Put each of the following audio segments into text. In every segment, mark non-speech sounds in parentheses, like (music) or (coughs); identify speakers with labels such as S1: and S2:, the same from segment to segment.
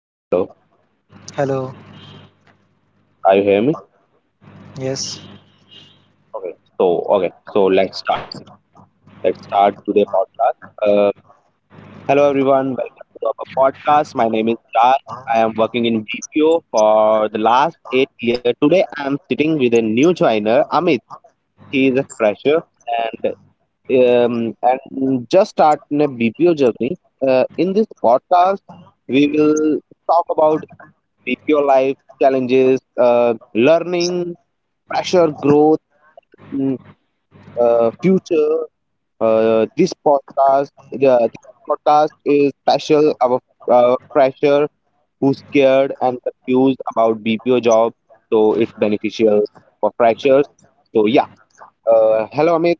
S1: Hello, hello,
S2: Hello,
S1: hello, Hamid. Are you hear me?
S2: yes.
S1: Okay, so okay, so let's start. Let's start today podcast. Hello everyone, welcome to our podcast. My name is Raj. I am working in BPO for the last 8 year. Today I am sitting with a new joiner, Amit. He is a fresher and and just start in a BPO journey. In this podcast, we will talk about BPO life challenges, uh, learning pressure, growth, and future. Uh, this podcast, this podcast is special. Our fresher who's scared and confused about BPO job, so it's beneficial for freshers. So yeah, hello Amit.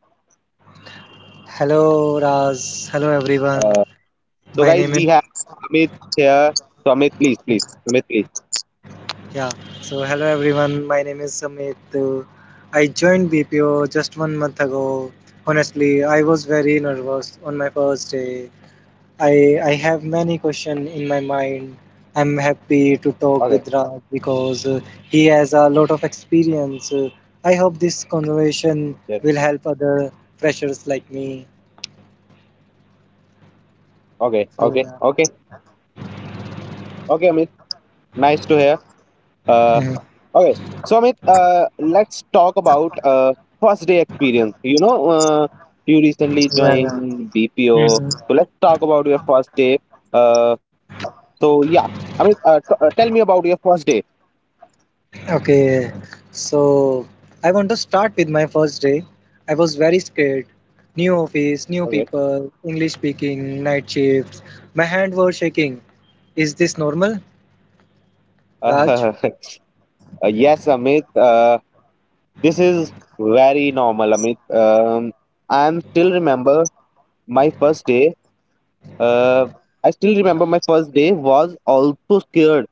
S2: Hello, Raz. Hello, everyone.
S1: Yeah. So
S2: My
S1: guys,
S2: name is
S1: we have Amit here. So Amit, please, please, Amit, please.
S2: yeah. So hello, everyone. My name is Sumit. I joined BPO just 1 month ago. Honestly, I was very nervous on my first day. I have many questions in my mind. I'm happy to talk
S1: Okay.
S2: with Raj because he has a lot of experience. I hope this conversation
S1: Yes.
S2: will help other freshers like me.
S1: Okay.
S2: So
S1: Okay.
S2: yeah.
S1: Okay. Okay, Amit. Nice to hear. Uh,
S2: Mhm.
S1: Okay, so Amit, let's talk about first day experience. You recently
S2: Yeah,
S1: joined
S2: yeah.
S1: BPO,
S2: Mhm.
S1: so let's talk about your first day. Uh, so yeah, Amit, tell me about your first day.
S2: Okay, so I want to start with my first day. I was very scared. New office, new
S1: Okay.
S2: people, English speaking, night shifts. My hand were shaking. Is this normal, Raj?
S1: Uh, (laughs) yes, Amit, this is very normal, Amit. I'm still remember my first day. Uh, I still remember my first day was also scared.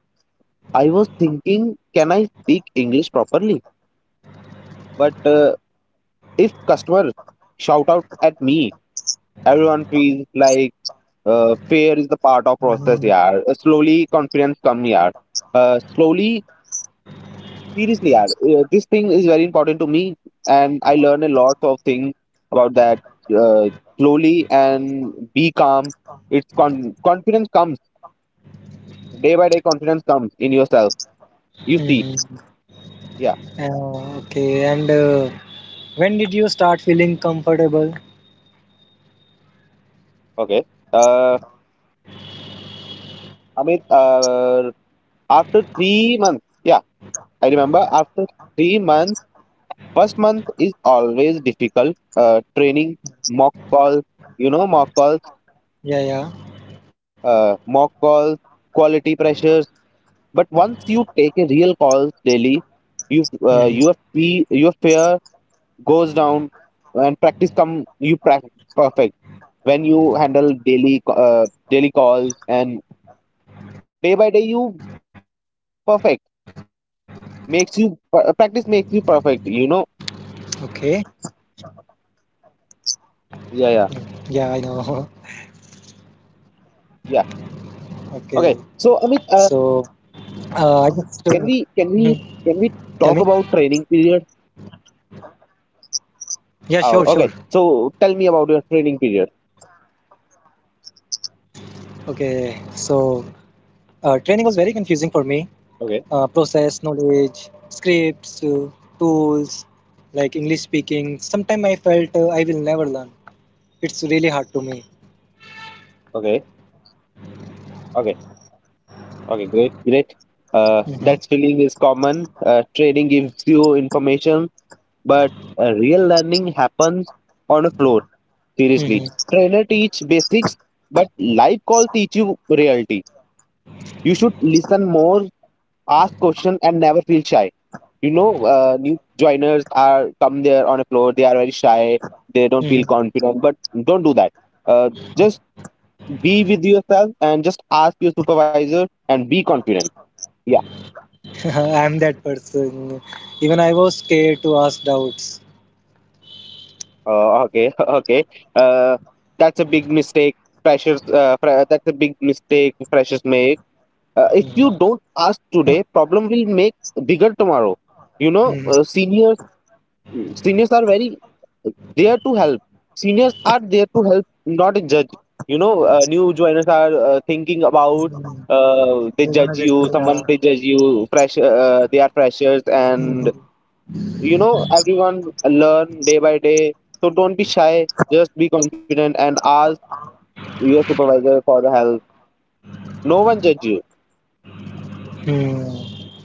S1: I was thinking, can I speak English properly? But if customers shout out at me, everyone feels like fear is the part of process,
S2: Mhm.
S1: yeah. Slowly confidence come, yeah. Slowly, seriously, yeah. This thing is very important to me, and I learn a lot of things about that. Uh, Slowly and be calm. It's confidence comes day by day. Confidence comes in yourself. You see,
S2: Mhm.
S1: yeah,
S2: Okay, and when did you start feeling comfortable?
S1: okay. Uh, Amit, after 3 months, yeah, I remember after 3 months. First month is always difficult. Training, mock calls, you know,
S2: Yeah, yeah.
S1: mock calls, quality pressures. But once you take a real calls daily, you
S2: hmm
S1: uh, your fee, your fear goes down, and practice come, you practice perfect when you handle daily daily calls, and day by day you perfect makes you
S2: Okay.
S1: practice makes you perfect. You know,
S2: Yeah, I know.
S1: yeah, yeah,
S2: (laughs) Okay.
S1: yeah.
S2: So,
S1: Okay,
S2: I
S1: so Amit,
S2: just
S1: uh,
S2: mhm. Tell
S1: Can
S2: me.
S1: we can we can we talk about training period?
S2: Yeah, sure, sure.
S1: Oh, okay. So tell me about your training period.
S2: Okay, so training was very confusing for me. Uh,
S1: Okay,
S2: process, knowledge, scripts, tools, like English speaking. Sometimes I felt I will never learn. It's really hard to me.
S1: okay, okay, okay. Great, great.
S2: hmm
S1: That feeling is common. Training gives you information, but real learning happens on a floor. Seriously,
S2: hmm
S1: trainer teach basics, but life call teach you reality. You should listen more, ask question, and never feel shy. New joiners are come there on a floor. They are very shy. They don't feel
S2: hmm
S1: confident, but don't do that. uh, just be with yourself and just ask your supervisor and be confident, yeah.
S2: (laughs) I'm that person. Even I was scared to ask doubts.
S1: Okay. (laughs) Okay. uh, that's a big mistake that's a big mistake freshers make. If you
S2: hmm
S1: don't ask today, problem will make bigger tomorrow. you know
S2: hmm
S1: uh, seniors seniors are very there to help. Seniors are there to help, not judge. New joiners are thinking about,
S2: hmm
S1: they
S2: They're gonna
S1: judge
S2: get me.
S1: you someone, they judge you fresh, they are freshers.
S2: Hmm
S1: And you know everyone learn day by day. So don't be shy, just be confident and ask your supervisor for the help, no one judge you,
S2: hmm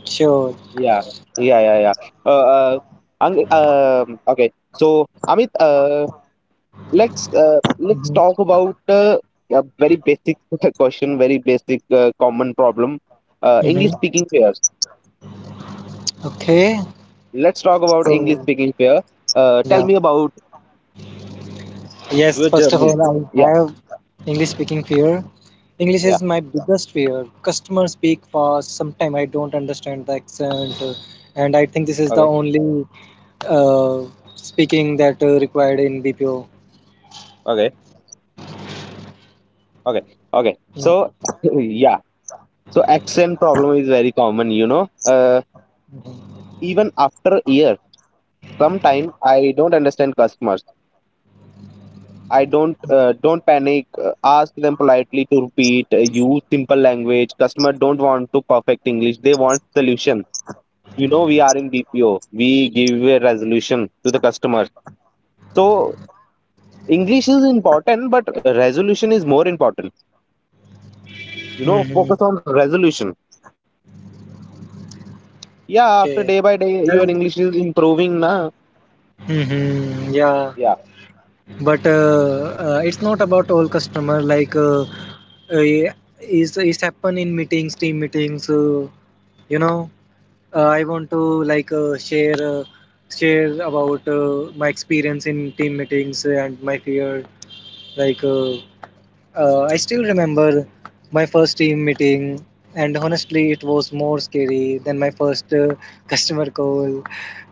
S2: Sure.
S1: yeah, yeah, yeah, yeah. uh, uh, okay, so Amit, let's
S2: hmm
S1: talk about a very basic (laughs) question. Very basic, common problem.
S2: hmm
S1: English speaking pairs.
S2: Okay.
S1: Let's talk about English
S2: So
S1: speaking pair. Tell
S2: Yeah.
S1: me about
S2: Yes,
S1: your
S2: first of
S1: journey.
S2: all,
S1: Yeah,
S2: I have English speaking fear. English
S1: yeah,
S2: is my biggest fear. Customers speak fast. Sometimes I don't understand the accent, and I think this is the
S1: okay,
S2: only uh, speaking that required in BPO.
S1: okay, okay, okay.
S2: Yeah.
S1: So, (laughs) yeah, so accent problem is very common.
S2: Mm-hmm.
S1: Even after a year, sometime I don't understand customers. I don't Don't panic. Ask them politely to repeat. Use simple language. Customer don't want to perfect English. They want solution. You know we are in BPO. We give a resolution to the customer. So English is important, but resolution is more important. You know,
S2: Mm-hmm.
S1: focus on resolution. Yeah, after
S2: Okay.
S1: day by day, your
S2: Well,
S1: English is improving, na.
S2: hmm yeah,
S1: Yeah.
S2: but it's not about all customer. It's it's happen in meetings, team meetings. You know. I want to share about my experience in team meetings and my fear like uh, I still remember my first team meeting, and honestly, it was more scary than my first (laughs) customer call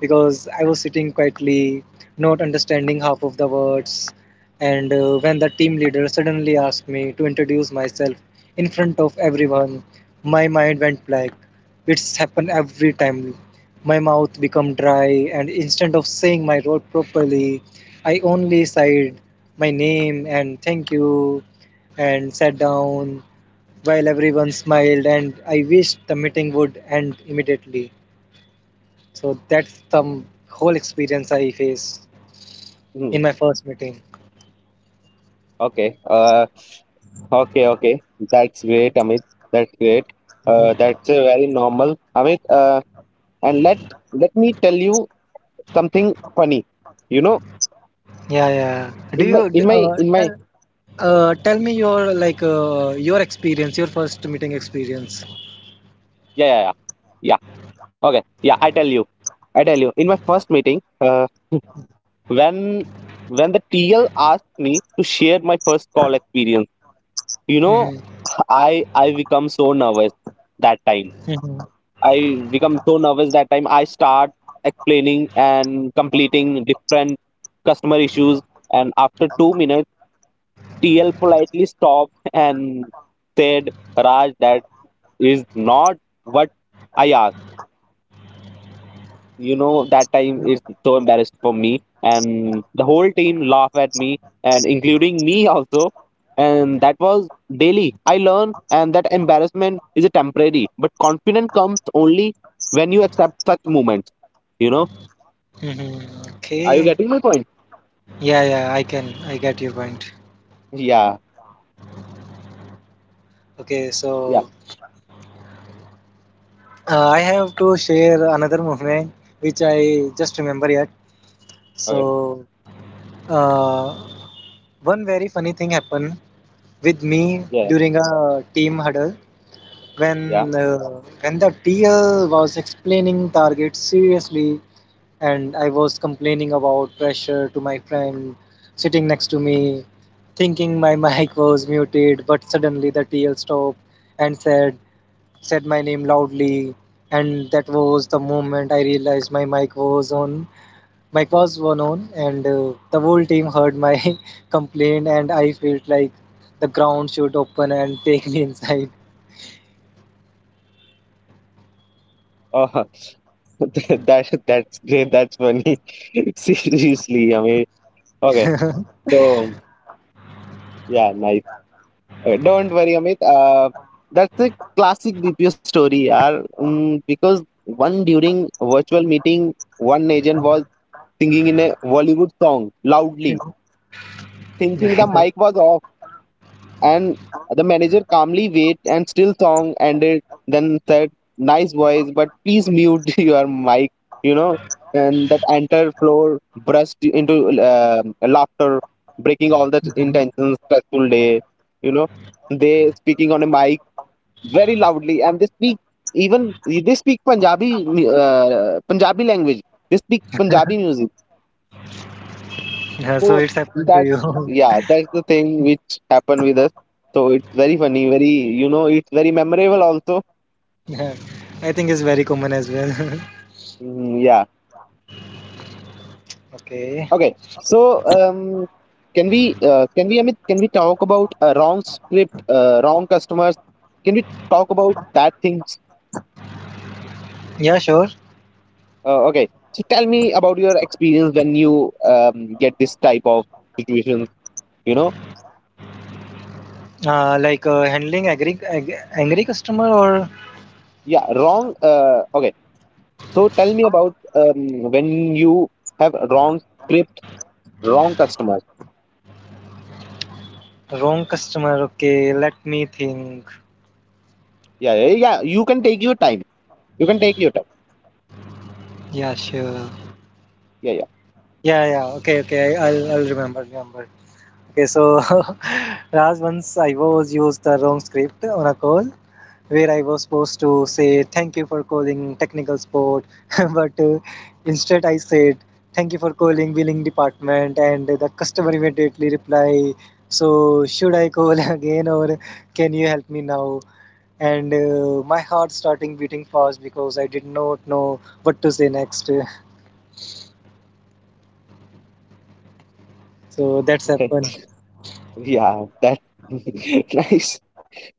S2: because I was sitting quietly, not understanding half of the words. And when the team leader suddenly asked me to introduce myself in front of everyone, my mind went blank. It's happened every time. My mouth became dry, and instead of saying my role properly, I only sighed my name and thank you and sat down while everyone smiled and I wished the meeting would end immediately. So that's the whole experience I faced
S1: Hmm.
S2: in my first meeting.
S1: Okay. Okay. Okay. That's great, Amit. That's great. That's a very normal, Amit. And let me tell you something funny. You know
S2: Yeah, yeah.
S1: in
S2: Do
S1: my
S2: you
S1: in
S2: d-
S1: my in my
S2: tell, Tell me your your experience, your first meeting experience?
S1: Yeah, yeah, yeah, yeah. Okay. Yeah. I tell you in my first meeting, (laughs) when when the TL asked me to share my first call experience. you know
S2: hmm
S1: (laughs) I become so nervous that time.
S2: hmm
S1: I start explaining and completing different customer issues. And after 2 minutes, the TL politely stopped and said, "Raj, that is not what I asked." You know, that time is so embarrassed for me, and the whole team laughed at me, and including me (laughs) also. And that was, daily I learn, and that embarrassment is a temporary, but confidence comes only when you accept such moments. you know
S2: hmm
S1: are you
S2: Okay.
S1: getting my point?
S2: Yeah, yeah. I can. I get your point.
S1: Yeah,
S2: Okay,
S1: yeah.
S2: so I have to share another moment which I just remember yet. So
S1: Okay.
S2: Uh, one very funny thing happened with me
S1: Yeah,
S2: during a team huddle when
S1: yeah.
S2: uh, when the TL was explaining targets seriously, and I was complaining about pressure to my friend sitting next to me, thinking my (laughs) mic was muted, but suddenly the TL stopped and said my name loudly, and that was the moment I realized my mic was on, my calls were known, and the whole team heard my (laughs) complaint and I felt like the ground should open and (laughs) take me inside.
S1: Oh. (laughs) That's great, that's funny. (laughs) Seriously, I mean, okay, so yeah, nice. Don't worry, Amit. That's a classic BPO story, yaar. Because one during virtual meeting, one agent was singing in a Bollywood song loudly,
S2: (laughs)
S1: thinking
S2: Yeah,
S1: the mic was off, and the manager calmly wait and still song ended. Then said, "Nice voice, but please mute (laughs) your mic." You know, and that entire floor burst into uh, laughter, breaking all that intense stressful day. You know, they speaking on a mic very loudly, and they speak, even they speak Punjabi language, they speak Punjabi music. So
S2: so it's happened to
S1: that
S2: you.
S1: yeah, that's the thing which happened with us. So it's very funny, very. It's very memorable also.
S2: (laughs) Yeah. I think it's very common as well.
S1: Mm, yeah,
S2: (laughs) Okay.
S1: okay, so um can we, can we, Amit, can we talk about wrong script, wrong customers, can we talk about that things?
S2: Yeah, sure.
S1: Okay, so tell me about your experience when you get this type of situation. you know
S2: Handling angry, angry customer or
S1: Yeah, wrong. Okay. So tell me about, when you have wrong script, wrong customers.
S2: wrong customer. Okay, let me think.
S1: Yeah, yeah, yeah. You can take your time. You can take your time.
S2: Yeah, sure.
S1: Yeah,
S2: Yeah, yeah, okay, okay. I'll remember. Okay, so (laughs) Raj, once I was used the wrong script on a call where I was supposed to say thank you for calling technical support, (laughs) but instead I said thank you for calling billing department, and the customer immediately reply, so should I call (laughs) again or can you help me now? And my heart starting beating fast because I did not know what to say next. (laughs) So that's
S1: yeah.
S2: happened.
S1: (laughs) Yeah, that (laughs) nice.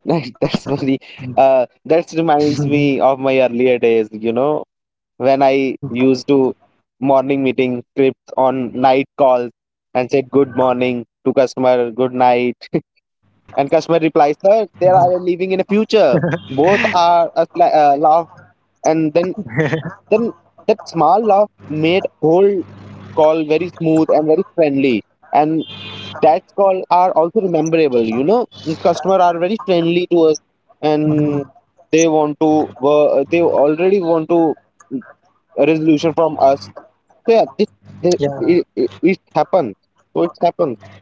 S1: Nice. That's very that reminds me of my earlier days, when I used to morning meeting scripts on night calls and said good morning to customer,
S2: Mhm.
S1: good night. And customer replies, sir, they are living in a future. Both are
S2: (laughs)
S1: a laugh. And then, that small laugh made whole call very smooth and very friendly. And that's call are also rememberable. Customer are very
S2: Mhm.
S1: friendly to us, and they want to. They already want to, mm, a resolution from us. So yeah,
S2: Yeah.
S1: it, it happens. So it happens.
S2: Yeah.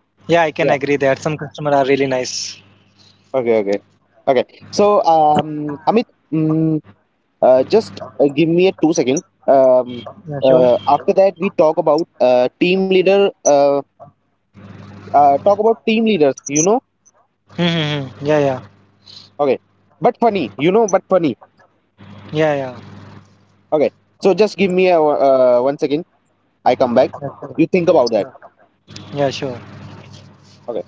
S2: Yeah, I can agree that some customer are really nice.
S1: Okay, okay, okay. So, Amit, mm, just give me a 2 second. Um,
S2: Yeah, sure.
S1: After that, we talk about team leader. Talk about team leaders.
S2: Mm-hmm. Yeah, yeah,
S1: Okay, but funny. But funny.
S2: yeah, yeah.
S1: Okay. So just give me a 1 second. I come back.
S2: Yeah, sure.
S1: You think about that.
S2: Yeah. Yeah, sure.
S1: Okay.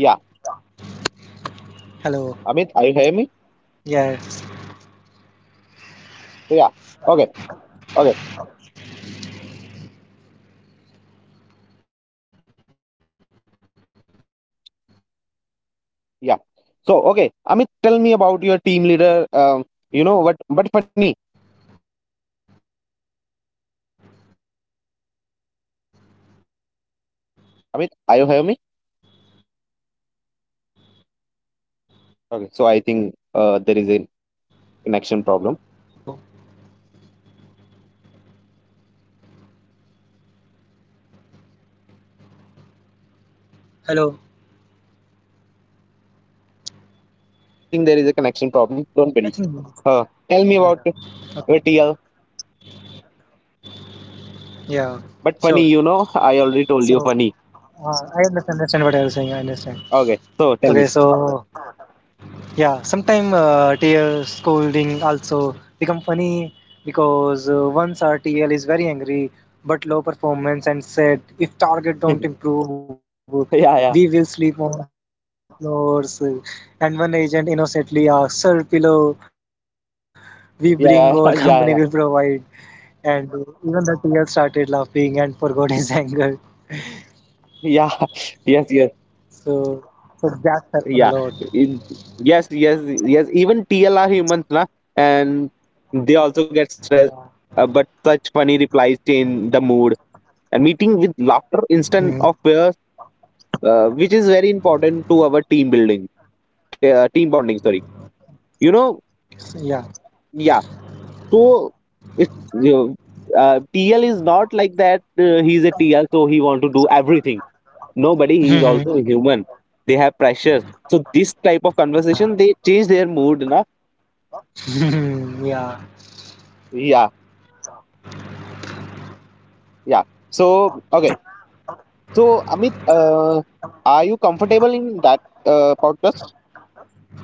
S1: Yeah,
S2: Hello.
S1: Amit, are you hear me?
S2: Yes.
S1: So yeah. Okay. Okay. Yeah. So okay, Amit, tell me about your team leader. You know what? But funny.
S2: Hello, Raj. Are you there?
S1: Amit, are you hear me? Okay, so I think there is a
S2: Hello.
S1: connection problem.
S2: Hello.
S1: Yeah, yeah, yeah. Yeah, Amit. I think there is a
S2: I think.
S1: connection problem. Don't worry.
S2: Yeah,
S1: Uh,
S2: yeah.
S1: Tell me about
S2: Okay.
S1: TL.
S2: Yeah. Sure.
S1: But funny,
S2: So,
S1: I already told you
S2: uh,
S1: funny.
S2: I understand, understand what I was saying. I understand.
S1: Okay,
S2: Okay.
S1: so tell
S2: So,
S1: me.
S2: yeah, sometimes TL scolding also become funny because once our TL is very angry but low performance and said if target
S1: (laughs)
S2: don't
S1: Yeah,
S2: improve we will sleep
S1: yeah,
S2: on the floors and one agent innocently asked sir pillow we bring or (laughs) company will provide
S1: yeah, yeah, (laughs)
S2: and
S1: yeah, yeah.
S2: even the TL started laughing and forgot his (laughs) anger.
S1: Yeah,
S2: So
S1: (laughs) yes,
S2: so
S1: yes,
S2: that happened a lot.
S1: yeah. In- yes, yes, yes, even tlr humans, na. And they also get stressed, but such funny replies change the mood and meeting with
S2: mm.
S1: laughter instead of fears, which is very important to our team building, team bonding, sorry. you know
S2: Yeah. (laughs)
S1: yeah. So it's you know, TL is not like that, he's a T L, so he want to do everything. Nobody, he
S2: Mhm.
S1: is also a human. They have pressures. So this type of conversation, they change their mood, na?
S2: (laughs) Yeah.
S1: Yeah, yeah. So okay. So Amit, are you comfortable in that podcast?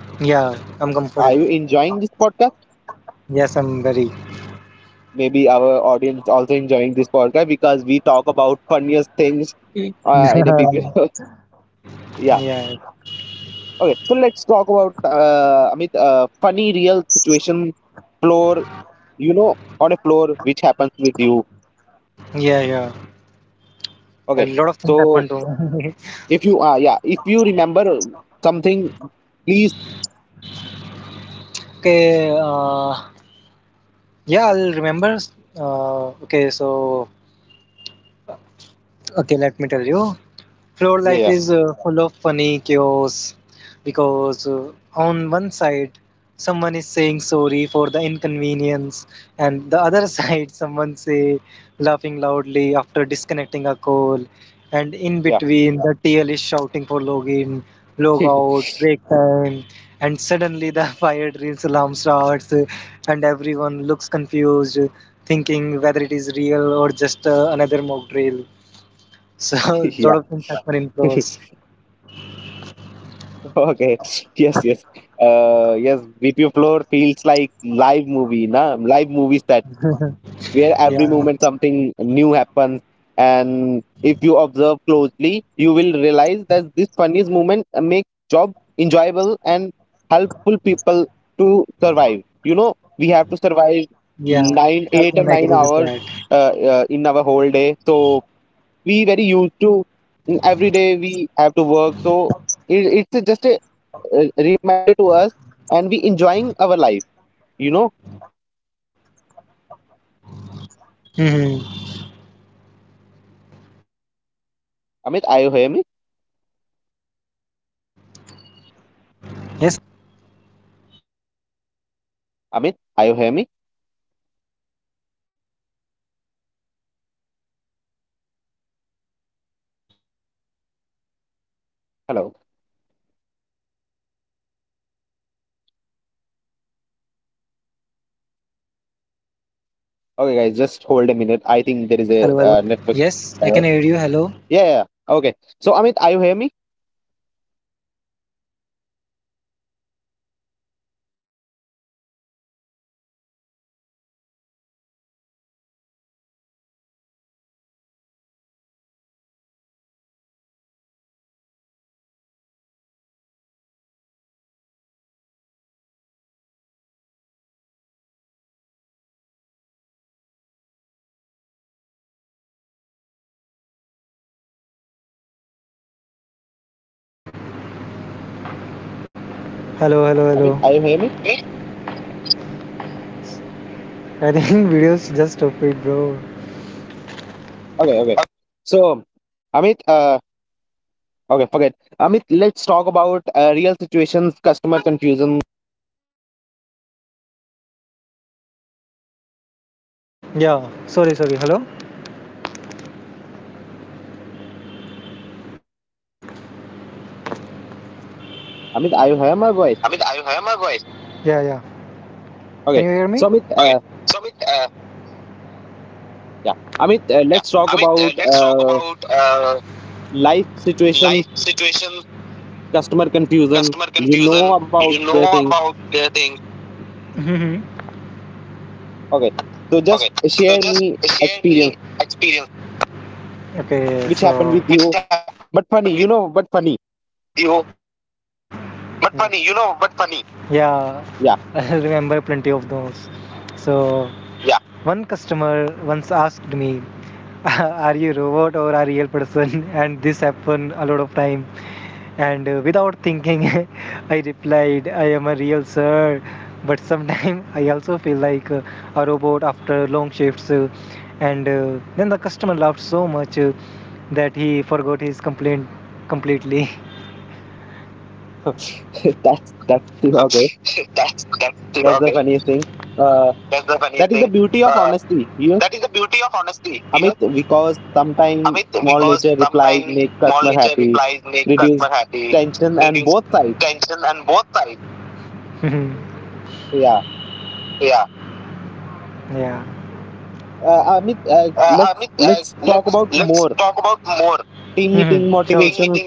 S2: Yeah, I'm comfortable.
S1: Are you enjoying this podcast?
S2: Yes, I'm very.
S1: Maybe our audience also enjoying this podcast because we talk about funniest things in a BPO.
S2: (laughs)
S1: (laughs) Yeah.
S2: Yeah,
S1: Okay. So let's talk about Amit, funny real situation floor. You know, on a floor which happens with you.
S2: yeah, yeah. A
S1: Okay.
S2: lot of things
S1: So
S2: happened to me. (laughs)
S1: If you yeah, if you remember something, please,
S2: Okay, uh, yeah, I'll remember. Uh, okay, so okay, let me tell you. Floor life
S1: yeah,
S2: is full of funny chaos because on one side someone is saying sorry for the inconvenience and the other (laughs) side someone say laughing loudly after disconnecting a call and in
S1: yeah,
S2: between the TL is shouting for login,
S1: yeah.
S2: logout, break time and suddenly the (laughs) fire drills alarm starts, and everyone looks confused, thinking whether it is real or just another mock drill. So (laughs)
S1: (laughs)
S2: a
S1: Yeah.
S2: lot of things happen in floors.
S1: (laughs) Okay, yes, yes, yes, VP floor feels like live movie, na. Live movies that.
S2: (laughs)
S1: Where every
S2: Yeah,
S1: moment something new happens, and if you observe closely, you will realize that this funniest moment makes job enjoyable and helpful people to survive,
S2: yeah,
S1: we have to
S2: I can
S1: survive
S2: agree with that.
S1: 9 8 and 9 hours in our whole day, so we very used to, every day we have to work, so it's just a reminder to us, and we enjoying our life you know
S2: hmm Yes,
S1: Amit, are you hear me?
S2: yes, I can hear you. Hello, hello.
S1: Amit, are you hear me?
S2: Yes, I can hear you. Hello, hello, hi,
S1: Hello.
S2: hello. Am I audible? I
S1: Okay,
S2: think there
S1: guys, just
S2: might be
S1: hold a
S2: a
S1: minute. I think there is
S2: internet
S1: a
S2: connection.
S1: network error.
S2: Hello.
S1: Yeah, yeah. Yeah. Okay. So, Amit, are you hear me?
S2: Hello, hello, hello.
S1: Amit, are you hear
S2: Me?
S1: me?
S2: I think (laughs) videos just stop it, bro.
S1: Okay, okay. So, Amit, okay, forget. Amit, let's talk about real situations, customer confusion.
S2: Yeah, sorry, sorry. Hello?
S1: Amit,
S2: Amit,
S1: are
S2: are you
S1: you hear
S2: hear
S1: my
S2: my
S1: voice?
S2: voice? Yeah, yeah. Can you hear me? Okay.
S1: Okay. So,
S2: So, Amit,
S1: Amit, yeah.
S2: yeah.
S1: Amit,
S2: Amit,
S1: let's
S2: let's
S1: talk
S2: talk
S1: about
S2: about
S1: life
S2: life situation,
S1: situations,
S2: customer
S1: customer confusion.
S2: confusion.
S1: You
S2: You know
S1: know about
S2: about
S1: the
S2: the
S1: things.
S2: thing. Mm-hmm.
S1: Okay.
S2: Okay.
S1: So,
S2: So,
S1: just
S2: just
S1: share
S2: share
S1: me
S2: me
S1: experience
S2: experience. Okay, so
S1: which
S2: which
S1: happened
S2: happened
S1: with
S2: with
S1: you,
S2: you.
S1: but
S2: But
S1: funny.
S2: funny,
S1: You
S2: you
S1: know,
S2: know,
S1: but
S2: but
S1: funny.
S2: funny. Yeah, (laughs) I remember plenty of those. So
S1: Yeah.
S2: yeah, one customer once asked me, (laughs) "Are you a robot or a real person?" (laughs) And this happened a lot of time. And without thinking, (laughs) I replied, I am a real sir. But sometimes (laughs) I also feel like a robot after long shifts, and then the customer laughed so much that he forgot his complaint completely. (laughs) that's
S1: (laughs) (laughs) that's
S2: that's
S1: that's okay.
S2: okay.
S1: That's
S2: That's
S1: the
S2: the
S1: funniest
S2: funniest
S1: thing.
S2: thing.
S1: Uh,
S2: Uh,
S1: that
S2: that
S1: is
S2: is
S1: the
S2: the
S1: beauty
S2: beauty
S1: of
S2: of
S1: honesty,
S2: honesty
S1: you know,
S2: here,
S1: Amit,
S2: Amit,
S1: because
S2: because
S1: sometimes
S2: sometimes
S1: small
S2: small
S1: nature
S2: nature
S1: replies
S2: replies
S1: make
S2: make
S1: customer
S2: customer
S1: happy,
S2: happy,
S1: reduce
S2: reduce tension
S1: tension
S2: and
S1: and both
S2: both sides.
S1: sides.
S2: (laughs)
S1: So, yeah,
S2: Yeah. Yeah. Amit,
S1: Amit, let's let's
S2: let's
S1: talk
S2: talk
S1: about
S2: about more.
S1: more
S2: Mm-hmm. Sure. Team
S1: team
S2: meeting
S1: meeting
S2: motivation.
S1: motivation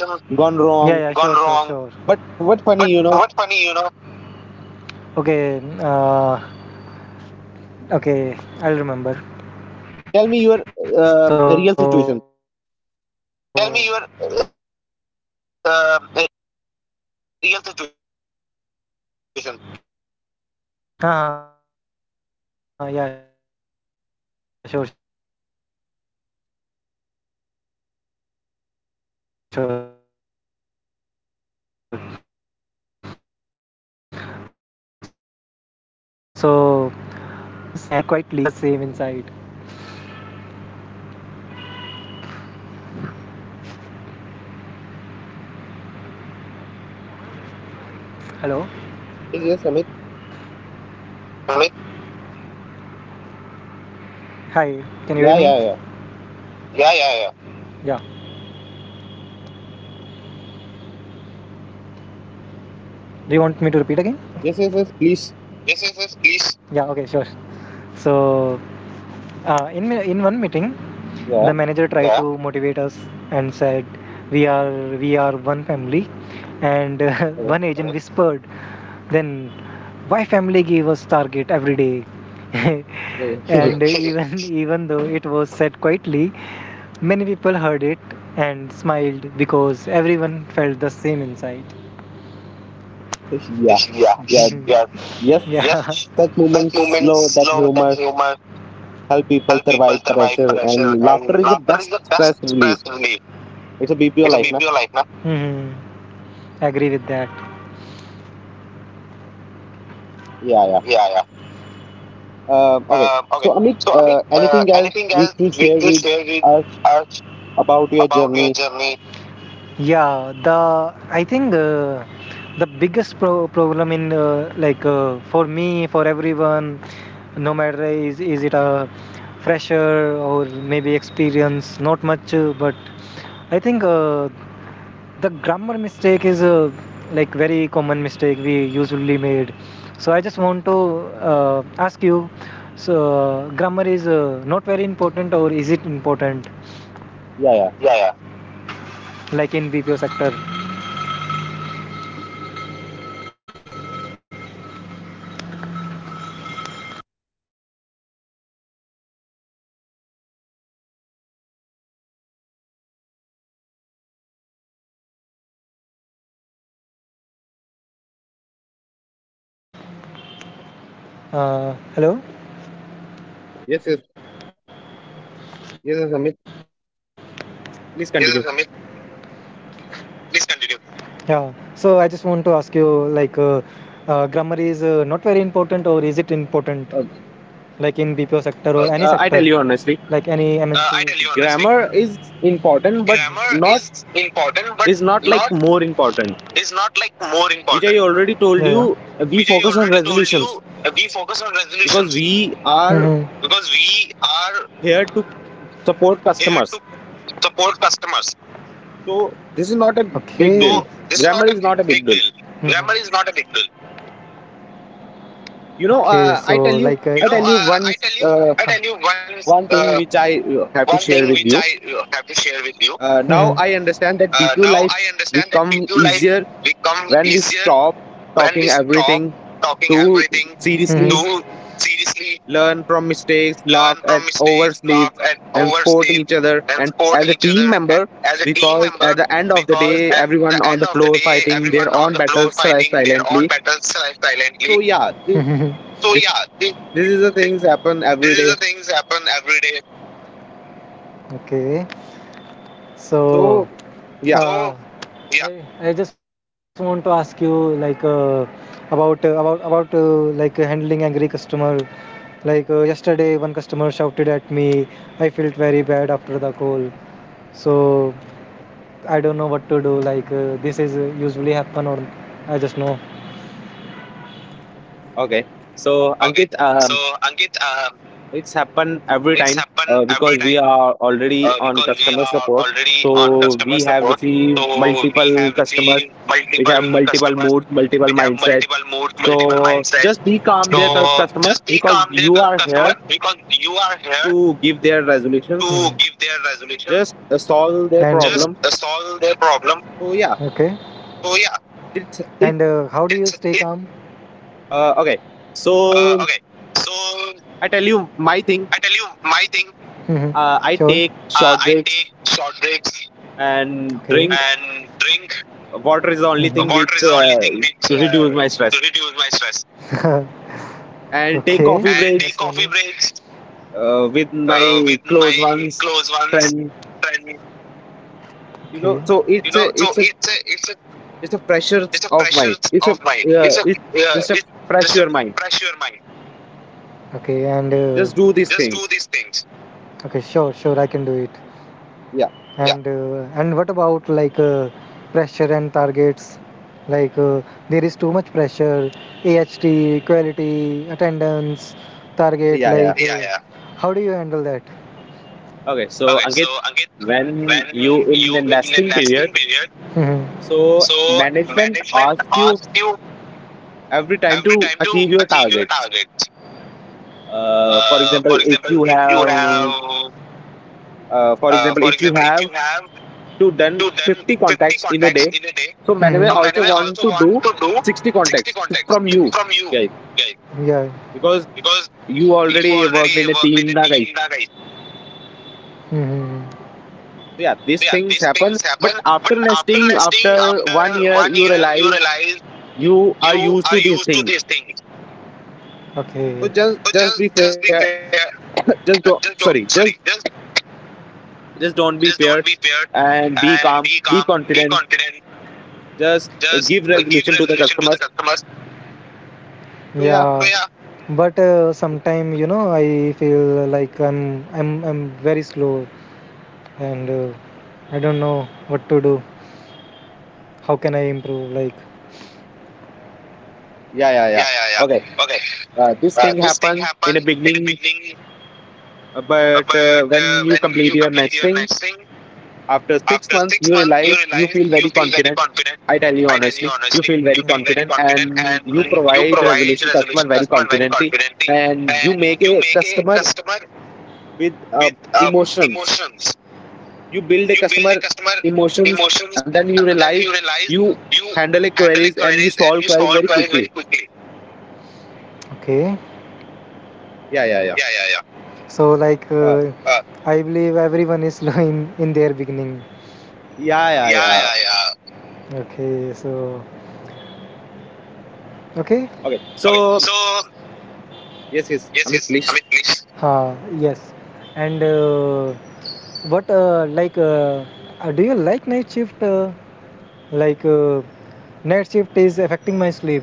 S2: Yeah, yeah,
S1: gone
S2: gone sure, sure, wrong.
S1: wrong.
S2: Sure. sure.
S1: But
S2: But
S1: what
S2: what's
S1: funny,
S2: funny, you
S1: you
S2: know?
S1: know?
S2: Okay, uh, okay, I'll remember. So, tell
S1: Tell
S2: me
S1: me
S2: your
S1: your
S2: real
S1: real
S2: situation.
S1: situation.
S2: Yeah, sure, sure. So, in one meeting, the manager tried to (laughs) motivate us and said, we are the one family, and one agent whispered, then why family give targets every day? And even thought it was said quietly, many people heard it and smiled because (laughs) everyone felt the same inside. Hello?
S1: Yes, yes,
S2: Amit?
S1: Amit.
S2: Hi, can you hear me? Yeah,
S1: Yeah,
S2: yeah,
S1: yeah,
S2: yeah.
S1: yeah.
S2: Yeah. Do you want me to repeat again? Yes,
S1: Yes,
S2: yes,
S1: yes,
S2: yes,
S1: yes.
S2: please.
S1: Please.
S2: Yeah, okay, sure. So, in one meeting, the manager
S1: Yeah.
S2: tried Yeah. to motivate us and said, "We are we are one family." And (laughs) one
S1: Okay.
S2: agent Mhm. whispered, "Then why family gave us target every day?" (laughs)
S1: Okay. (laughs)
S2: and even (laughs) even though it was said quietly, many people heard it and smiled because everyone felt the same inside.
S1: Yeah,
S2: Yeah, yeah,
S1: yeah,
S2: (laughs) yeah.
S1: yes.
S2: Yes.
S1: Such
S2: That
S1: moments slow
S2: moment
S1: that
S2: know that
S1: humor
S2: humor
S1: help people
S2: help people
S1: survive
S2: survive
S1: pressure,
S2: pressure,
S1: and laughter
S2: and
S1: is the
S2: laughter
S1: best
S2: is the best
S1: stress relief.
S2: stress relief.
S1: It's a BPO
S2: It's a Yeah.
S1: life, na?
S2: BPO life, na? Agree with that.
S1: Yeah, yeah.
S2: Yeah, yeah.
S1: Okay.
S2: Okay.
S1: So, Amit,
S2: So, Amit,
S1: anything else
S2: anything
S1: which
S2: else
S1: you
S2: you
S1: share
S2: can
S1: with
S2: share with
S1: us
S2: us
S1: about your
S2: about your
S1: journey?
S2: journey? Yeah, the I think the biggest problem in for me for everyone, no matter is it a fresher or maybe experience, not much, but I think the grammar mistake is a like very common mistake we usually made. So I just want to ask you, so grammar is not very important or is it important?
S1: Yeah, yeah.
S2: Yeah, yeah. Like in BPO sector, uh, hello.
S1: Yes, yes, yes, yes,
S2: Yes,
S1: Amit.
S2: yes, Amit.
S1: Please continue.
S2: Please continue. Yeah, so I just want to ask you, like uh, grammar is not very important or is it important like in BPO
S1: Um,
S2: sector or Okay. any sector like any
S1: I tell
S2: MNC.
S1: you
S2: I tell you
S1: honestly,
S2: honestly,
S1: grammar
S2: grammar
S1: is
S2: important
S1: important,
S2: but
S1: but
S2: not
S1: not
S2: is
S1: is
S2: not
S1: not
S2: like
S1: like
S2: more
S1: more
S2: important.
S1: important,
S2: Yeah, yeah. Which
S1: which
S2: I
S1: I
S2: already
S1: already
S2: told
S1: told
S2: you,
S1: you.
S2: we
S1: We
S2: focus
S1: focus
S2: on
S1: on
S2: resolutions
S1: resolutions
S2: because
S1: because
S2: we
S1: we
S2: are
S1: are
S2: here
S1: here
S2: to
S1: to
S2: support
S1: support
S2: customers.
S1: customers,
S2: Okay. So
S1: so
S2: this
S1: this
S2: is
S1: is
S2: not
S1: not
S2: a
S1: a
S2: big
S1: big
S2: deal.
S1: deal.
S2: Mhm. Grammar
S1: Grammar
S2: is
S1: is
S2: not
S1: not
S2: a
S1: a
S2: big
S1: big
S2: deal.
S1: deal,
S2: Okay. So like uh,
S1: you
S2: you know
S1: know.
S2: uh, i
S1: I
S2: tell
S1: tell
S2: you
S1: you
S2: i
S1: i
S2: tell
S1: tell
S2: you
S1: you uh,
S2: uh,
S1: one
S2: one
S1: thing
S2: thing
S1: which
S2: which
S1: I
S2: i uh,
S1: have
S2: have
S1: to
S2: to share
S1: share with
S2: with you.
S1: you.
S2: hmm
S1: Now
S2: Now
S1: I
S2: I
S1: understand
S2: understand
S1: that
S2: that with
S1: b2
S2: you
S1: life
S2: life
S1: become
S2: become
S1: easier
S2: easier
S1: when
S2: when
S1: we
S2: we
S1: stop
S2: stop talking
S1: talking
S2: everything,
S1: everything
S2: Mhm, to
S1: too seriously,
S2: seriously learn
S1: learn from
S2: from
S1: mistakes,
S2: mistakes,
S1: laugh
S2: laugh at
S1: at oversleeps,
S2: oversleeps, and
S1: and support
S2: support
S1: each
S2: each
S1: other
S2: other. And
S1: and as
S2: as
S1: a
S2: a team
S1: team
S2: member,
S1: member,
S2: because
S1: because
S2: at
S1: at
S2: the
S1: the end
S2: end
S1: of
S2: of
S1: the
S2: the day,
S1: day,
S2: everyone
S1: everyone on
S2: on
S1: the
S2: the
S1: floor
S2: floor fighting
S1: fighting
S2: their
S1: their
S2: own
S1: own
S2: battles
S1: battles
S2: silently.
S1: silently.
S2: (laughs)
S1: So
S2: So
S1: yeah,
S2: yeah,
S1: this,
S2: this,
S1: this
S2: this
S1: is the
S2: is the
S1: things
S2: things happen
S1: happen
S2: every
S1: every
S2: day.
S1: day.
S2: okay so Uh,
S1: So
S2: yeah.
S1: yeah,
S2: I just want to ask you about handling angry customer. Yesterday, one customer shouted at me. I felt very bad after the call. So I don't know what to do. This is usually happen or I just know. Okay.
S1: okay.
S2: So,
S1: So,
S2: Ankit,
S1: Ankit,
S2: it's
S1: it's
S2: happened
S1: happened
S2: every
S1: every
S2: time
S1: time
S2: because
S1: because we
S2: we
S1: are
S2: are already
S1: already
S2: on
S1: on
S2: customer
S1: customer
S2: support.
S1: support.
S2: So
S1: So we
S2: we have
S1: have
S2: received
S1: received
S2: multiple
S1: multiple
S2: customers,
S1: customers
S2: which
S1: which
S2: have
S1: have
S2: multiple
S1: multiple
S2: moods,
S1: moods,
S2: multiple
S1: multiple
S2: mindset.
S1: mindsets.
S2: So
S1: So
S2: just
S1: just
S2: be
S1: be
S2: calm,
S1: calm
S2: there,
S1: there,
S2: customer,
S1: customer,
S2: because
S1: because
S2: you
S1: you
S2: are
S1: are
S2: here
S1: here
S2: to, Hmm,
S1: to
S2: give
S1: give
S2: their
S1: their resolution.
S2: resolution.
S1: Just
S2: And Just
S1: solve their
S2: solve their
S1: problem.
S2: problem. Okay.
S1: So yeah,
S2: So yeah, and
S1: it's
S2: how do you it's
S1: it.
S2: stay it. Calm?
S1: Okay.
S2: Okay,
S1: So
S2: so
S1: I tell you
S2: I tell you
S1: my thing.
S2: my thing. Mm-hmm. Sure.
S1: I take
S2: I take
S1: short breaks
S2: short breaks. Okay,
S1: and
S2: and
S1: drink
S2: drink.
S1: water
S2: Mhm.
S1: is the only
S2: Water is the
S1: thing
S2: only
S1: which
S2: thing which
S1: reduce my
S2: reduce
S1: stress.
S2: my stress. (laughs)
S1: And
S2: Okay. And
S1: take
S2: take
S1: coffee
S2: That's coffee
S1: breaks
S2: really- breaks
S1: with
S2: with
S1: my close
S2: my close
S1: ones,
S2: ones,
S1: friend.
S2: and okay,
S1: You know, so
S2: you know.
S1: it's
S2: So
S1: a it's
S2: it's
S1: a
S2: a it's a
S1: it's a
S2: it's
S1: pressure
S2: a pressure
S1: of mind.
S2: of
S1: It's a
S2: mind. It's a
S1: uh, it's
S2: it's
S1: just a
S2: just a
S1: pressure mind.
S2: pressure mind. Okay. And
S1: Just do these
S2: Just do
S1: things.
S2: these things. Okay, sure, sure, I can do it.
S1: Yeah.
S2: Yeah. And what about pressure and targets? Like uh, there is too much pressure, AHT, quality, attendance, target.
S1: Yeah, yeah.
S2: Yeah, how do you handle that?
S1: Okay, so
S2: Okay, so
S1: Ankit,
S2: Ankit,
S1: when
S2: when
S1: you in
S2: you in the
S1: investing
S2: nesting
S1: period,
S2: period, Mhm,
S1: so
S2: so
S1: management
S2: management
S1: asks you
S2: asks you
S1: every time
S2: every
S1: to
S2: time to
S1: achieve your
S2: achieve your
S1: targets.
S2: targets.
S1: Uh, for
S2: Uh, for
S1: example, if
S2: example,
S1: you
S2: if you
S1: have,
S2: have,
S1: for example,
S2: for
S1: if you
S2: example, if
S1: have
S2: you have
S1: to done
S2: to done
S1: 50
S2: 50
S1: contacts in a
S2: contacts
S1: day,
S2: in a day.
S1: so
S2: Mhm.
S1: management
S2: So
S1: also
S2: Manway
S1: want
S2: also
S1: to do
S2: want to do
S1: 60
S2: 60
S1: contacts
S2: contacts
S1: from you,
S2: from you
S1: guys,
S2: guys. Yeah,
S1: because
S2: because
S1: you
S2: you
S1: already worked
S2: already
S1: in a
S2: worked in
S1: team,
S2: a
S1: na guys.
S2: team, na guys. Mhm.
S1: So yeah, these
S2: Yeah,
S1: things
S2: these
S1: happen.
S2: things happen.
S1: But after
S2: But after
S1: investing,
S2: nesting,
S1: after one
S2: after
S1: year,
S2: one
S1: you
S2: year, you
S1: realize
S2: realize
S1: you are
S2: you
S1: used
S2: are
S1: to these
S2: used to
S1: things.
S2: these things.
S1: So
S2: Okay.
S1: just
S2: So
S1: just
S2: just
S1: be
S2: just
S1: fair.
S2: be fair. (coughs)
S1: (laughs) Just do,
S2: Just
S1: sorry,
S2: don't,
S1: just
S2: sorry. Just
S1: just don't be
S2: just
S1: fair
S2: don't be feared
S1: and be
S2: and
S1: calm,
S2: be
S1: be
S2: calm, be
S1: confident.
S2: confident.
S1: Just
S2: Just
S1: give
S2: uh, give
S1: resolution to the
S2: resolution to the
S1: customers.
S2: customers.
S1: So yeah,
S2: Yeah. So yeah, but sometime you know I feel like I'm very slow and I don't know what to do. How can I improve? Like
S1: yeah, yeah. yeah.
S2: yeah, yeah,
S1: Okay.
S2: yeah. Okay.
S1: This thing
S2: This thing
S1: happened in the
S2: happened in the
S1: beginning,
S2: beginning, uh,
S1: but
S2: but
S1: when
S2: uh,
S1: you
S2: when
S1: complete
S2: you
S1: your
S2: complete
S1: next
S2: your
S1: thing,
S2: next thing,
S1: after 6
S2: after
S1: months
S2: six
S1: you
S2: months, you
S1: realize you
S2: realize
S1: feel
S2: you
S1: very
S2: feel very
S1: confident.
S2: confident.
S1: I tell you
S2: I tell you
S1: honestly, you
S2: honestly,
S1: feel
S2: you
S1: very
S2: feel very
S1: confident
S2: confident
S1: and you
S2: and you
S1: provide
S2: provide
S1: resolution customer
S2: resolution
S1: very
S2: customer very
S1: confidently,
S2: confidently
S1: and you
S2: and
S1: make
S2: you
S1: a
S2: make a
S1: customer
S2: customer
S1: with
S2: with
S1: emotions.
S2: emotions.
S1: You build a
S2: You build a
S1: customer
S2: customer
S1: emotions,
S2: emotions
S1: and then you
S2: and then
S1: realize
S2: you realize
S1: you
S2: you
S1: handle a
S2: handle a
S1: queries and you
S2: queries and
S1: solve
S2: you
S1: queries
S2: solve
S1: very
S2: queries very
S1: quickly.
S2: quickly. Okay,
S1: Yeah, yeah, yeah.
S2: yeah yeah yeah. So like
S1: uh,
S2: uh, Uh. I believe everyone is (laughs) slow in their beginning.
S1: yeah, yeah,
S2: Yeah
S1: yeah.
S2: yeah yeah. Okay. So okay.
S1: Okay.
S2: okay
S1: So
S2: so
S1: yes, yes,
S2: yes
S1: Amit,
S2: yes,
S1: please.
S2: I mean please. Ha. Yes. And what like Do you like night shift? Like uh, Night shift is affecting my sleep.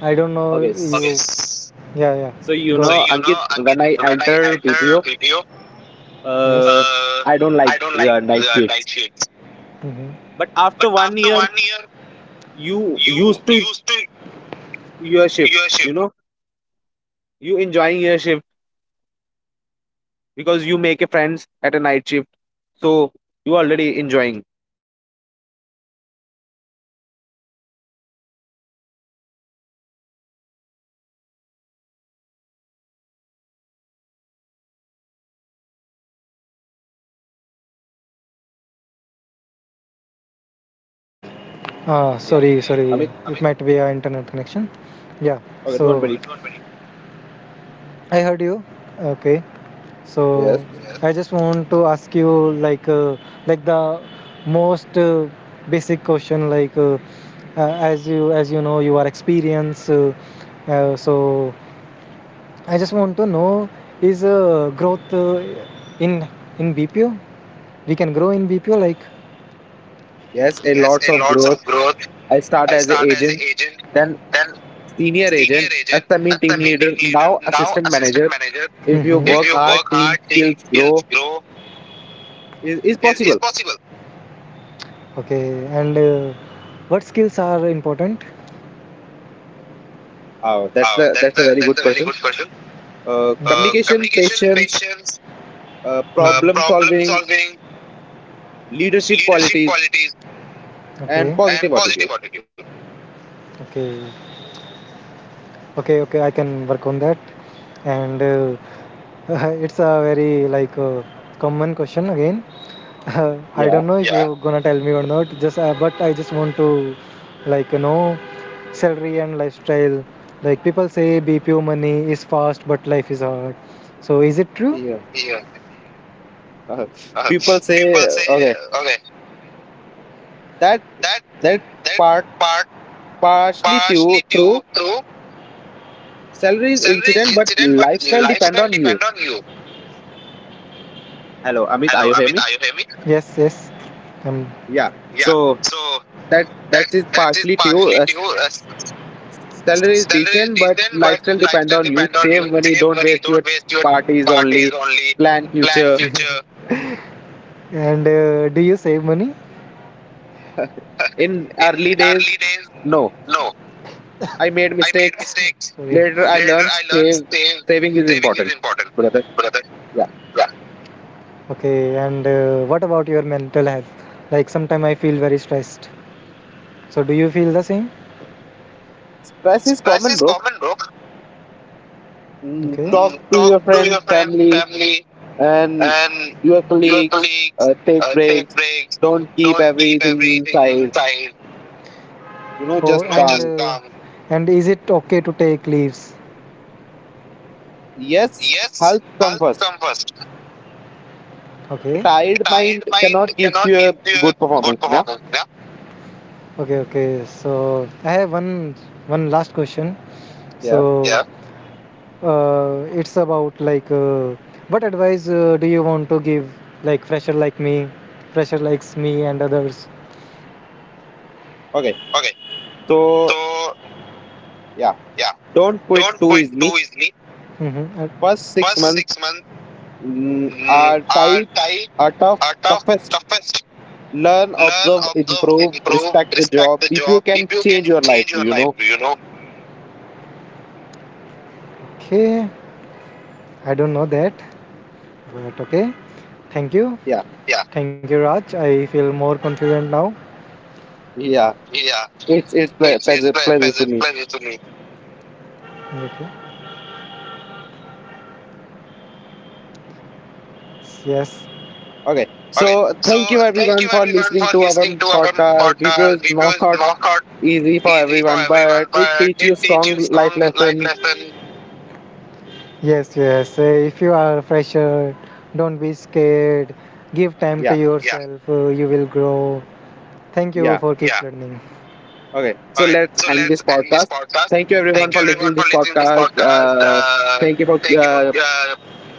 S2: I don't know.
S1: okay
S2: Okay.
S1: s-
S2: Yeah, yeah.
S1: so you
S2: Go So
S1: know,
S2: ahead. You know,
S1: Ankit,
S2: Ankit,
S1: when I
S2: when I
S1: enter
S2: enter
S1: BPO,
S2: video, Yes,
S1: uh, I don't like
S2: I don't like
S1: night shifts.
S2: night shifts. Hmm.
S1: But
S2: But
S1: after one
S2: after
S1: year
S2: 1 year,
S1: you
S2: you
S1: used to
S2: used to
S1: your shift,
S2: your
S1: you
S2: shift.
S1: know. You enjoying your shift because you make a friends at a night shift, so you already enjoying.
S2: Ah,
S1: Yeah.
S2: sorry, sorry.
S1: Amit,
S2: Okay. It might be our internet connection. Yeah.
S1: okay, don't
S2: So
S1: worry.
S2: I heard you. Okay. So,
S1: Yes,
S2: Yes, I just want to ask you like the most basic question like, as you know you are experienced, so I just want to know is uh, growth uh, in in BPO, we can grow in BPO. Like,
S1: yes, a
S2: yes,
S1: lots
S2: a
S1: of
S2: lots
S1: growth.
S2: of growth.
S1: I start
S2: I
S1: as an
S2: start as an
S1: agent,
S2: agent,
S1: then
S2: then
S1: senior
S2: senior
S1: agent,
S2: agent,
S1: SME team
S2: SME team
S1: leader, now
S2: leader, now
S1: assistant
S2: assistant
S1: manager.
S2: manager.
S1: If you
S2: Mhm. If
S1: work
S2: you
S1: hard,
S2: work
S1: team
S2: hard, team
S1: skills
S2: skills
S1: grow
S2: grow.
S1: is
S2: Is
S1: possible.
S2: possible. Okay, and what skills are important?
S1: Oh, that's the that's a very
S2: That's
S1: good
S2: a very
S1: question.
S2: good question. Mhm.
S1: Communication,
S2: Communication,
S1: patience,
S2: patience, Mhm,
S1: problem
S2: problem
S1: solving,
S2: solving,
S1: leadership
S2: leadership
S1: qualities,
S2: qualities,
S1: and
S2: okay,
S1: positive
S2: and
S1: attitude.
S2: positive attitude. Okay, okay, I can work on that. And (laughs) it's a very common question again. I
S1: Yeah,
S2: don't know if, yeah, you're gonna tell me or not. Just but I just want to, like, you know, salary and lifestyle. Like, people say BPO money is fast but life is hard. So is it true?
S1: yeah.
S2: Yeah.
S1: Uh,
S2: Uh,
S1: People
S2: People
S1: say,
S2: say,
S1: okay,
S2: okay,
S1: that
S2: that
S1: that
S2: that
S1: part
S2: part
S1: partially due
S2: partially
S1: through
S2: due. True.
S1: salaries
S2: Salary is
S1: incident, but
S2: incident, but
S1: lifestyle depend
S2: lifestyle
S1: on you.
S2: depend on you.
S1: Hello, Amit, are
S2: Hello,
S1: you hearing
S2: Amit,
S1: me?
S2: are you hear me? Yes, yes. Um,
S1: Yeah.
S2: Yeah.
S1: So
S2: So
S1: that
S2: that
S1: that is
S2: that is
S1: partially true.
S2: partially due.
S1: Salary is
S2: Salary is
S1: decent, but
S2: decent, but
S1: lifestyle depend
S2: lifestyle
S1: on you.
S2: depend on
S1: Save
S2: you.
S1: money,
S2: Save
S1: don't
S2: money,
S1: waste
S2: don't
S1: your
S2: waste your
S1: parties
S2: parties
S1: only.
S2: only.
S1: Plan
S2: Plan
S1: future.
S2: future. (laughs) And do you save money?
S1: (laughs) In
S2: (laughs) In
S1: early days,
S2: early days,
S1: no.
S2: no.
S1: I made
S2: I made
S1: mistakes.
S2: mistakes. (laughs) Sorry.
S1: Later I
S2: Later,
S1: learned,
S2: I learned
S1: save
S2: save.
S1: saving is
S2: Saving is
S1: important,
S2: important,
S1: brother.
S2: brother.
S1: Yeah.
S2: Yeah. Okay, and what about your mental health? Like, sometimes I feel very stressed. So do you feel the same?
S1: Stress is
S2: Stress
S1: common,
S2: is
S1: bro.
S2: common, bro. Okay.
S1: Talk
S2: Mm,
S1: to
S2: talk
S1: your
S2: to
S1: friend,
S2: your friend,
S1: family,
S2: family,
S1: and
S2: and
S1: your
S2: your
S1: colleagues.
S2: colleagues,
S1: Take
S2: take
S1: breaks.
S2: breaks.
S1: Don't keep
S2: Don't keep
S1: everything
S2: everything
S1: inside.
S2: inside.
S1: You know,
S2: Oh,
S1: just
S2: you know, and just
S1: calm.
S2: come. And is it okay to take leaves?
S1: Yes,
S2: Yes,
S1: health come
S2: health
S1: first.
S2: come first.
S1: A
S2: Okay, a
S1: tired
S2: tired
S1: mind
S2: mind
S1: cannot give
S2: cannot
S1: you a
S2: give you
S1: good
S2: a good
S1: performance. Yeah.
S2: performance. Yeah. Okay, okay. So I have one last question.
S1: Yeah.
S2: So, yeah, it's about, what advice do you want to give like fresher like me, fresher likes me and others?
S1: Okay.
S2: Okay.
S1: So
S2: So,
S1: yeah,
S2: yeah,
S1: don't quit
S2: don't
S1: too
S2: quit
S1: easily.
S2: too easily. Mm-hmm.
S1: First six
S2: First
S1: months
S2: 6 months, mm,
S1: are tight, are tough,
S2: are tough,
S1: toughest.
S2: toughest.
S1: Learn,
S2: Learn,
S1: observe,
S2: observe,
S1: improve,
S2: improve,
S1: respect the
S2: respect
S1: job.
S2: the
S1: People
S2: job.
S1: can
S2: If you can
S1: change your life.
S2: change your
S1: You
S2: life,
S1: know.
S2: you know. Okay, I don't know that, but okay. Thank you.
S1: Yeah.
S2: Yeah. Thank you, Raj. I feel more confident now.
S1: Yeah.
S2: Yeah.
S1: It's
S2: It's it's
S1: pleasure
S2: ple-
S1: pleasure
S2: pleasant
S1: to me.
S2: pleasure to me. Okay. Yes.
S1: Okay.
S2: Okay,
S1: So
S2: so
S1: thank you
S2: thank you
S1: everyone for
S2: everyone for
S1: listening to our
S2: listening to our
S1: podcast. BPO
S2: podcast.
S1: is
S2: Review
S1: not
S2: is not
S1: easy for
S2: easy for
S1: everyone,
S2: everyone,
S1: but it
S2: but
S1: teach
S2: it
S1: you
S2: teaches
S1: strong
S2: you
S1: life
S2: strong life
S1: lesson.
S2: lesson. Yes, yes. If you are a fresher, don't be scared. Give time to,
S1: Yeah,
S2: yeah, yourself. You will grow. Thank you
S1: yeah.
S2: for keep, yeah, learning.
S1: Okay, so
S2: Okay,
S1: let's
S2: so
S1: end this
S2: let's end this
S1: podcast.
S2: podcast.
S1: Thank you everyone
S2: Thank you,
S1: for
S2: okay,
S1: listening
S2: everyone
S1: to
S2: for
S1: this
S2: listening to this
S1: podcast.
S2: podcast.
S1: Thank you for
S2: Thank you for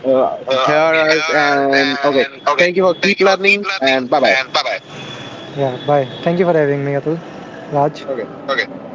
S1: hear
S2: hear
S1: us,
S2: us
S1: and okay.
S2: and okay,
S1: Thank you for
S2: thank
S1: keep
S2: you for keep
S1: learning
S2: learning
S1: and bye bye.
S2: and bye bye. Yeah, bye. Thank you for having me, Atul. Raj.
S1: Okay.
S2: Okay.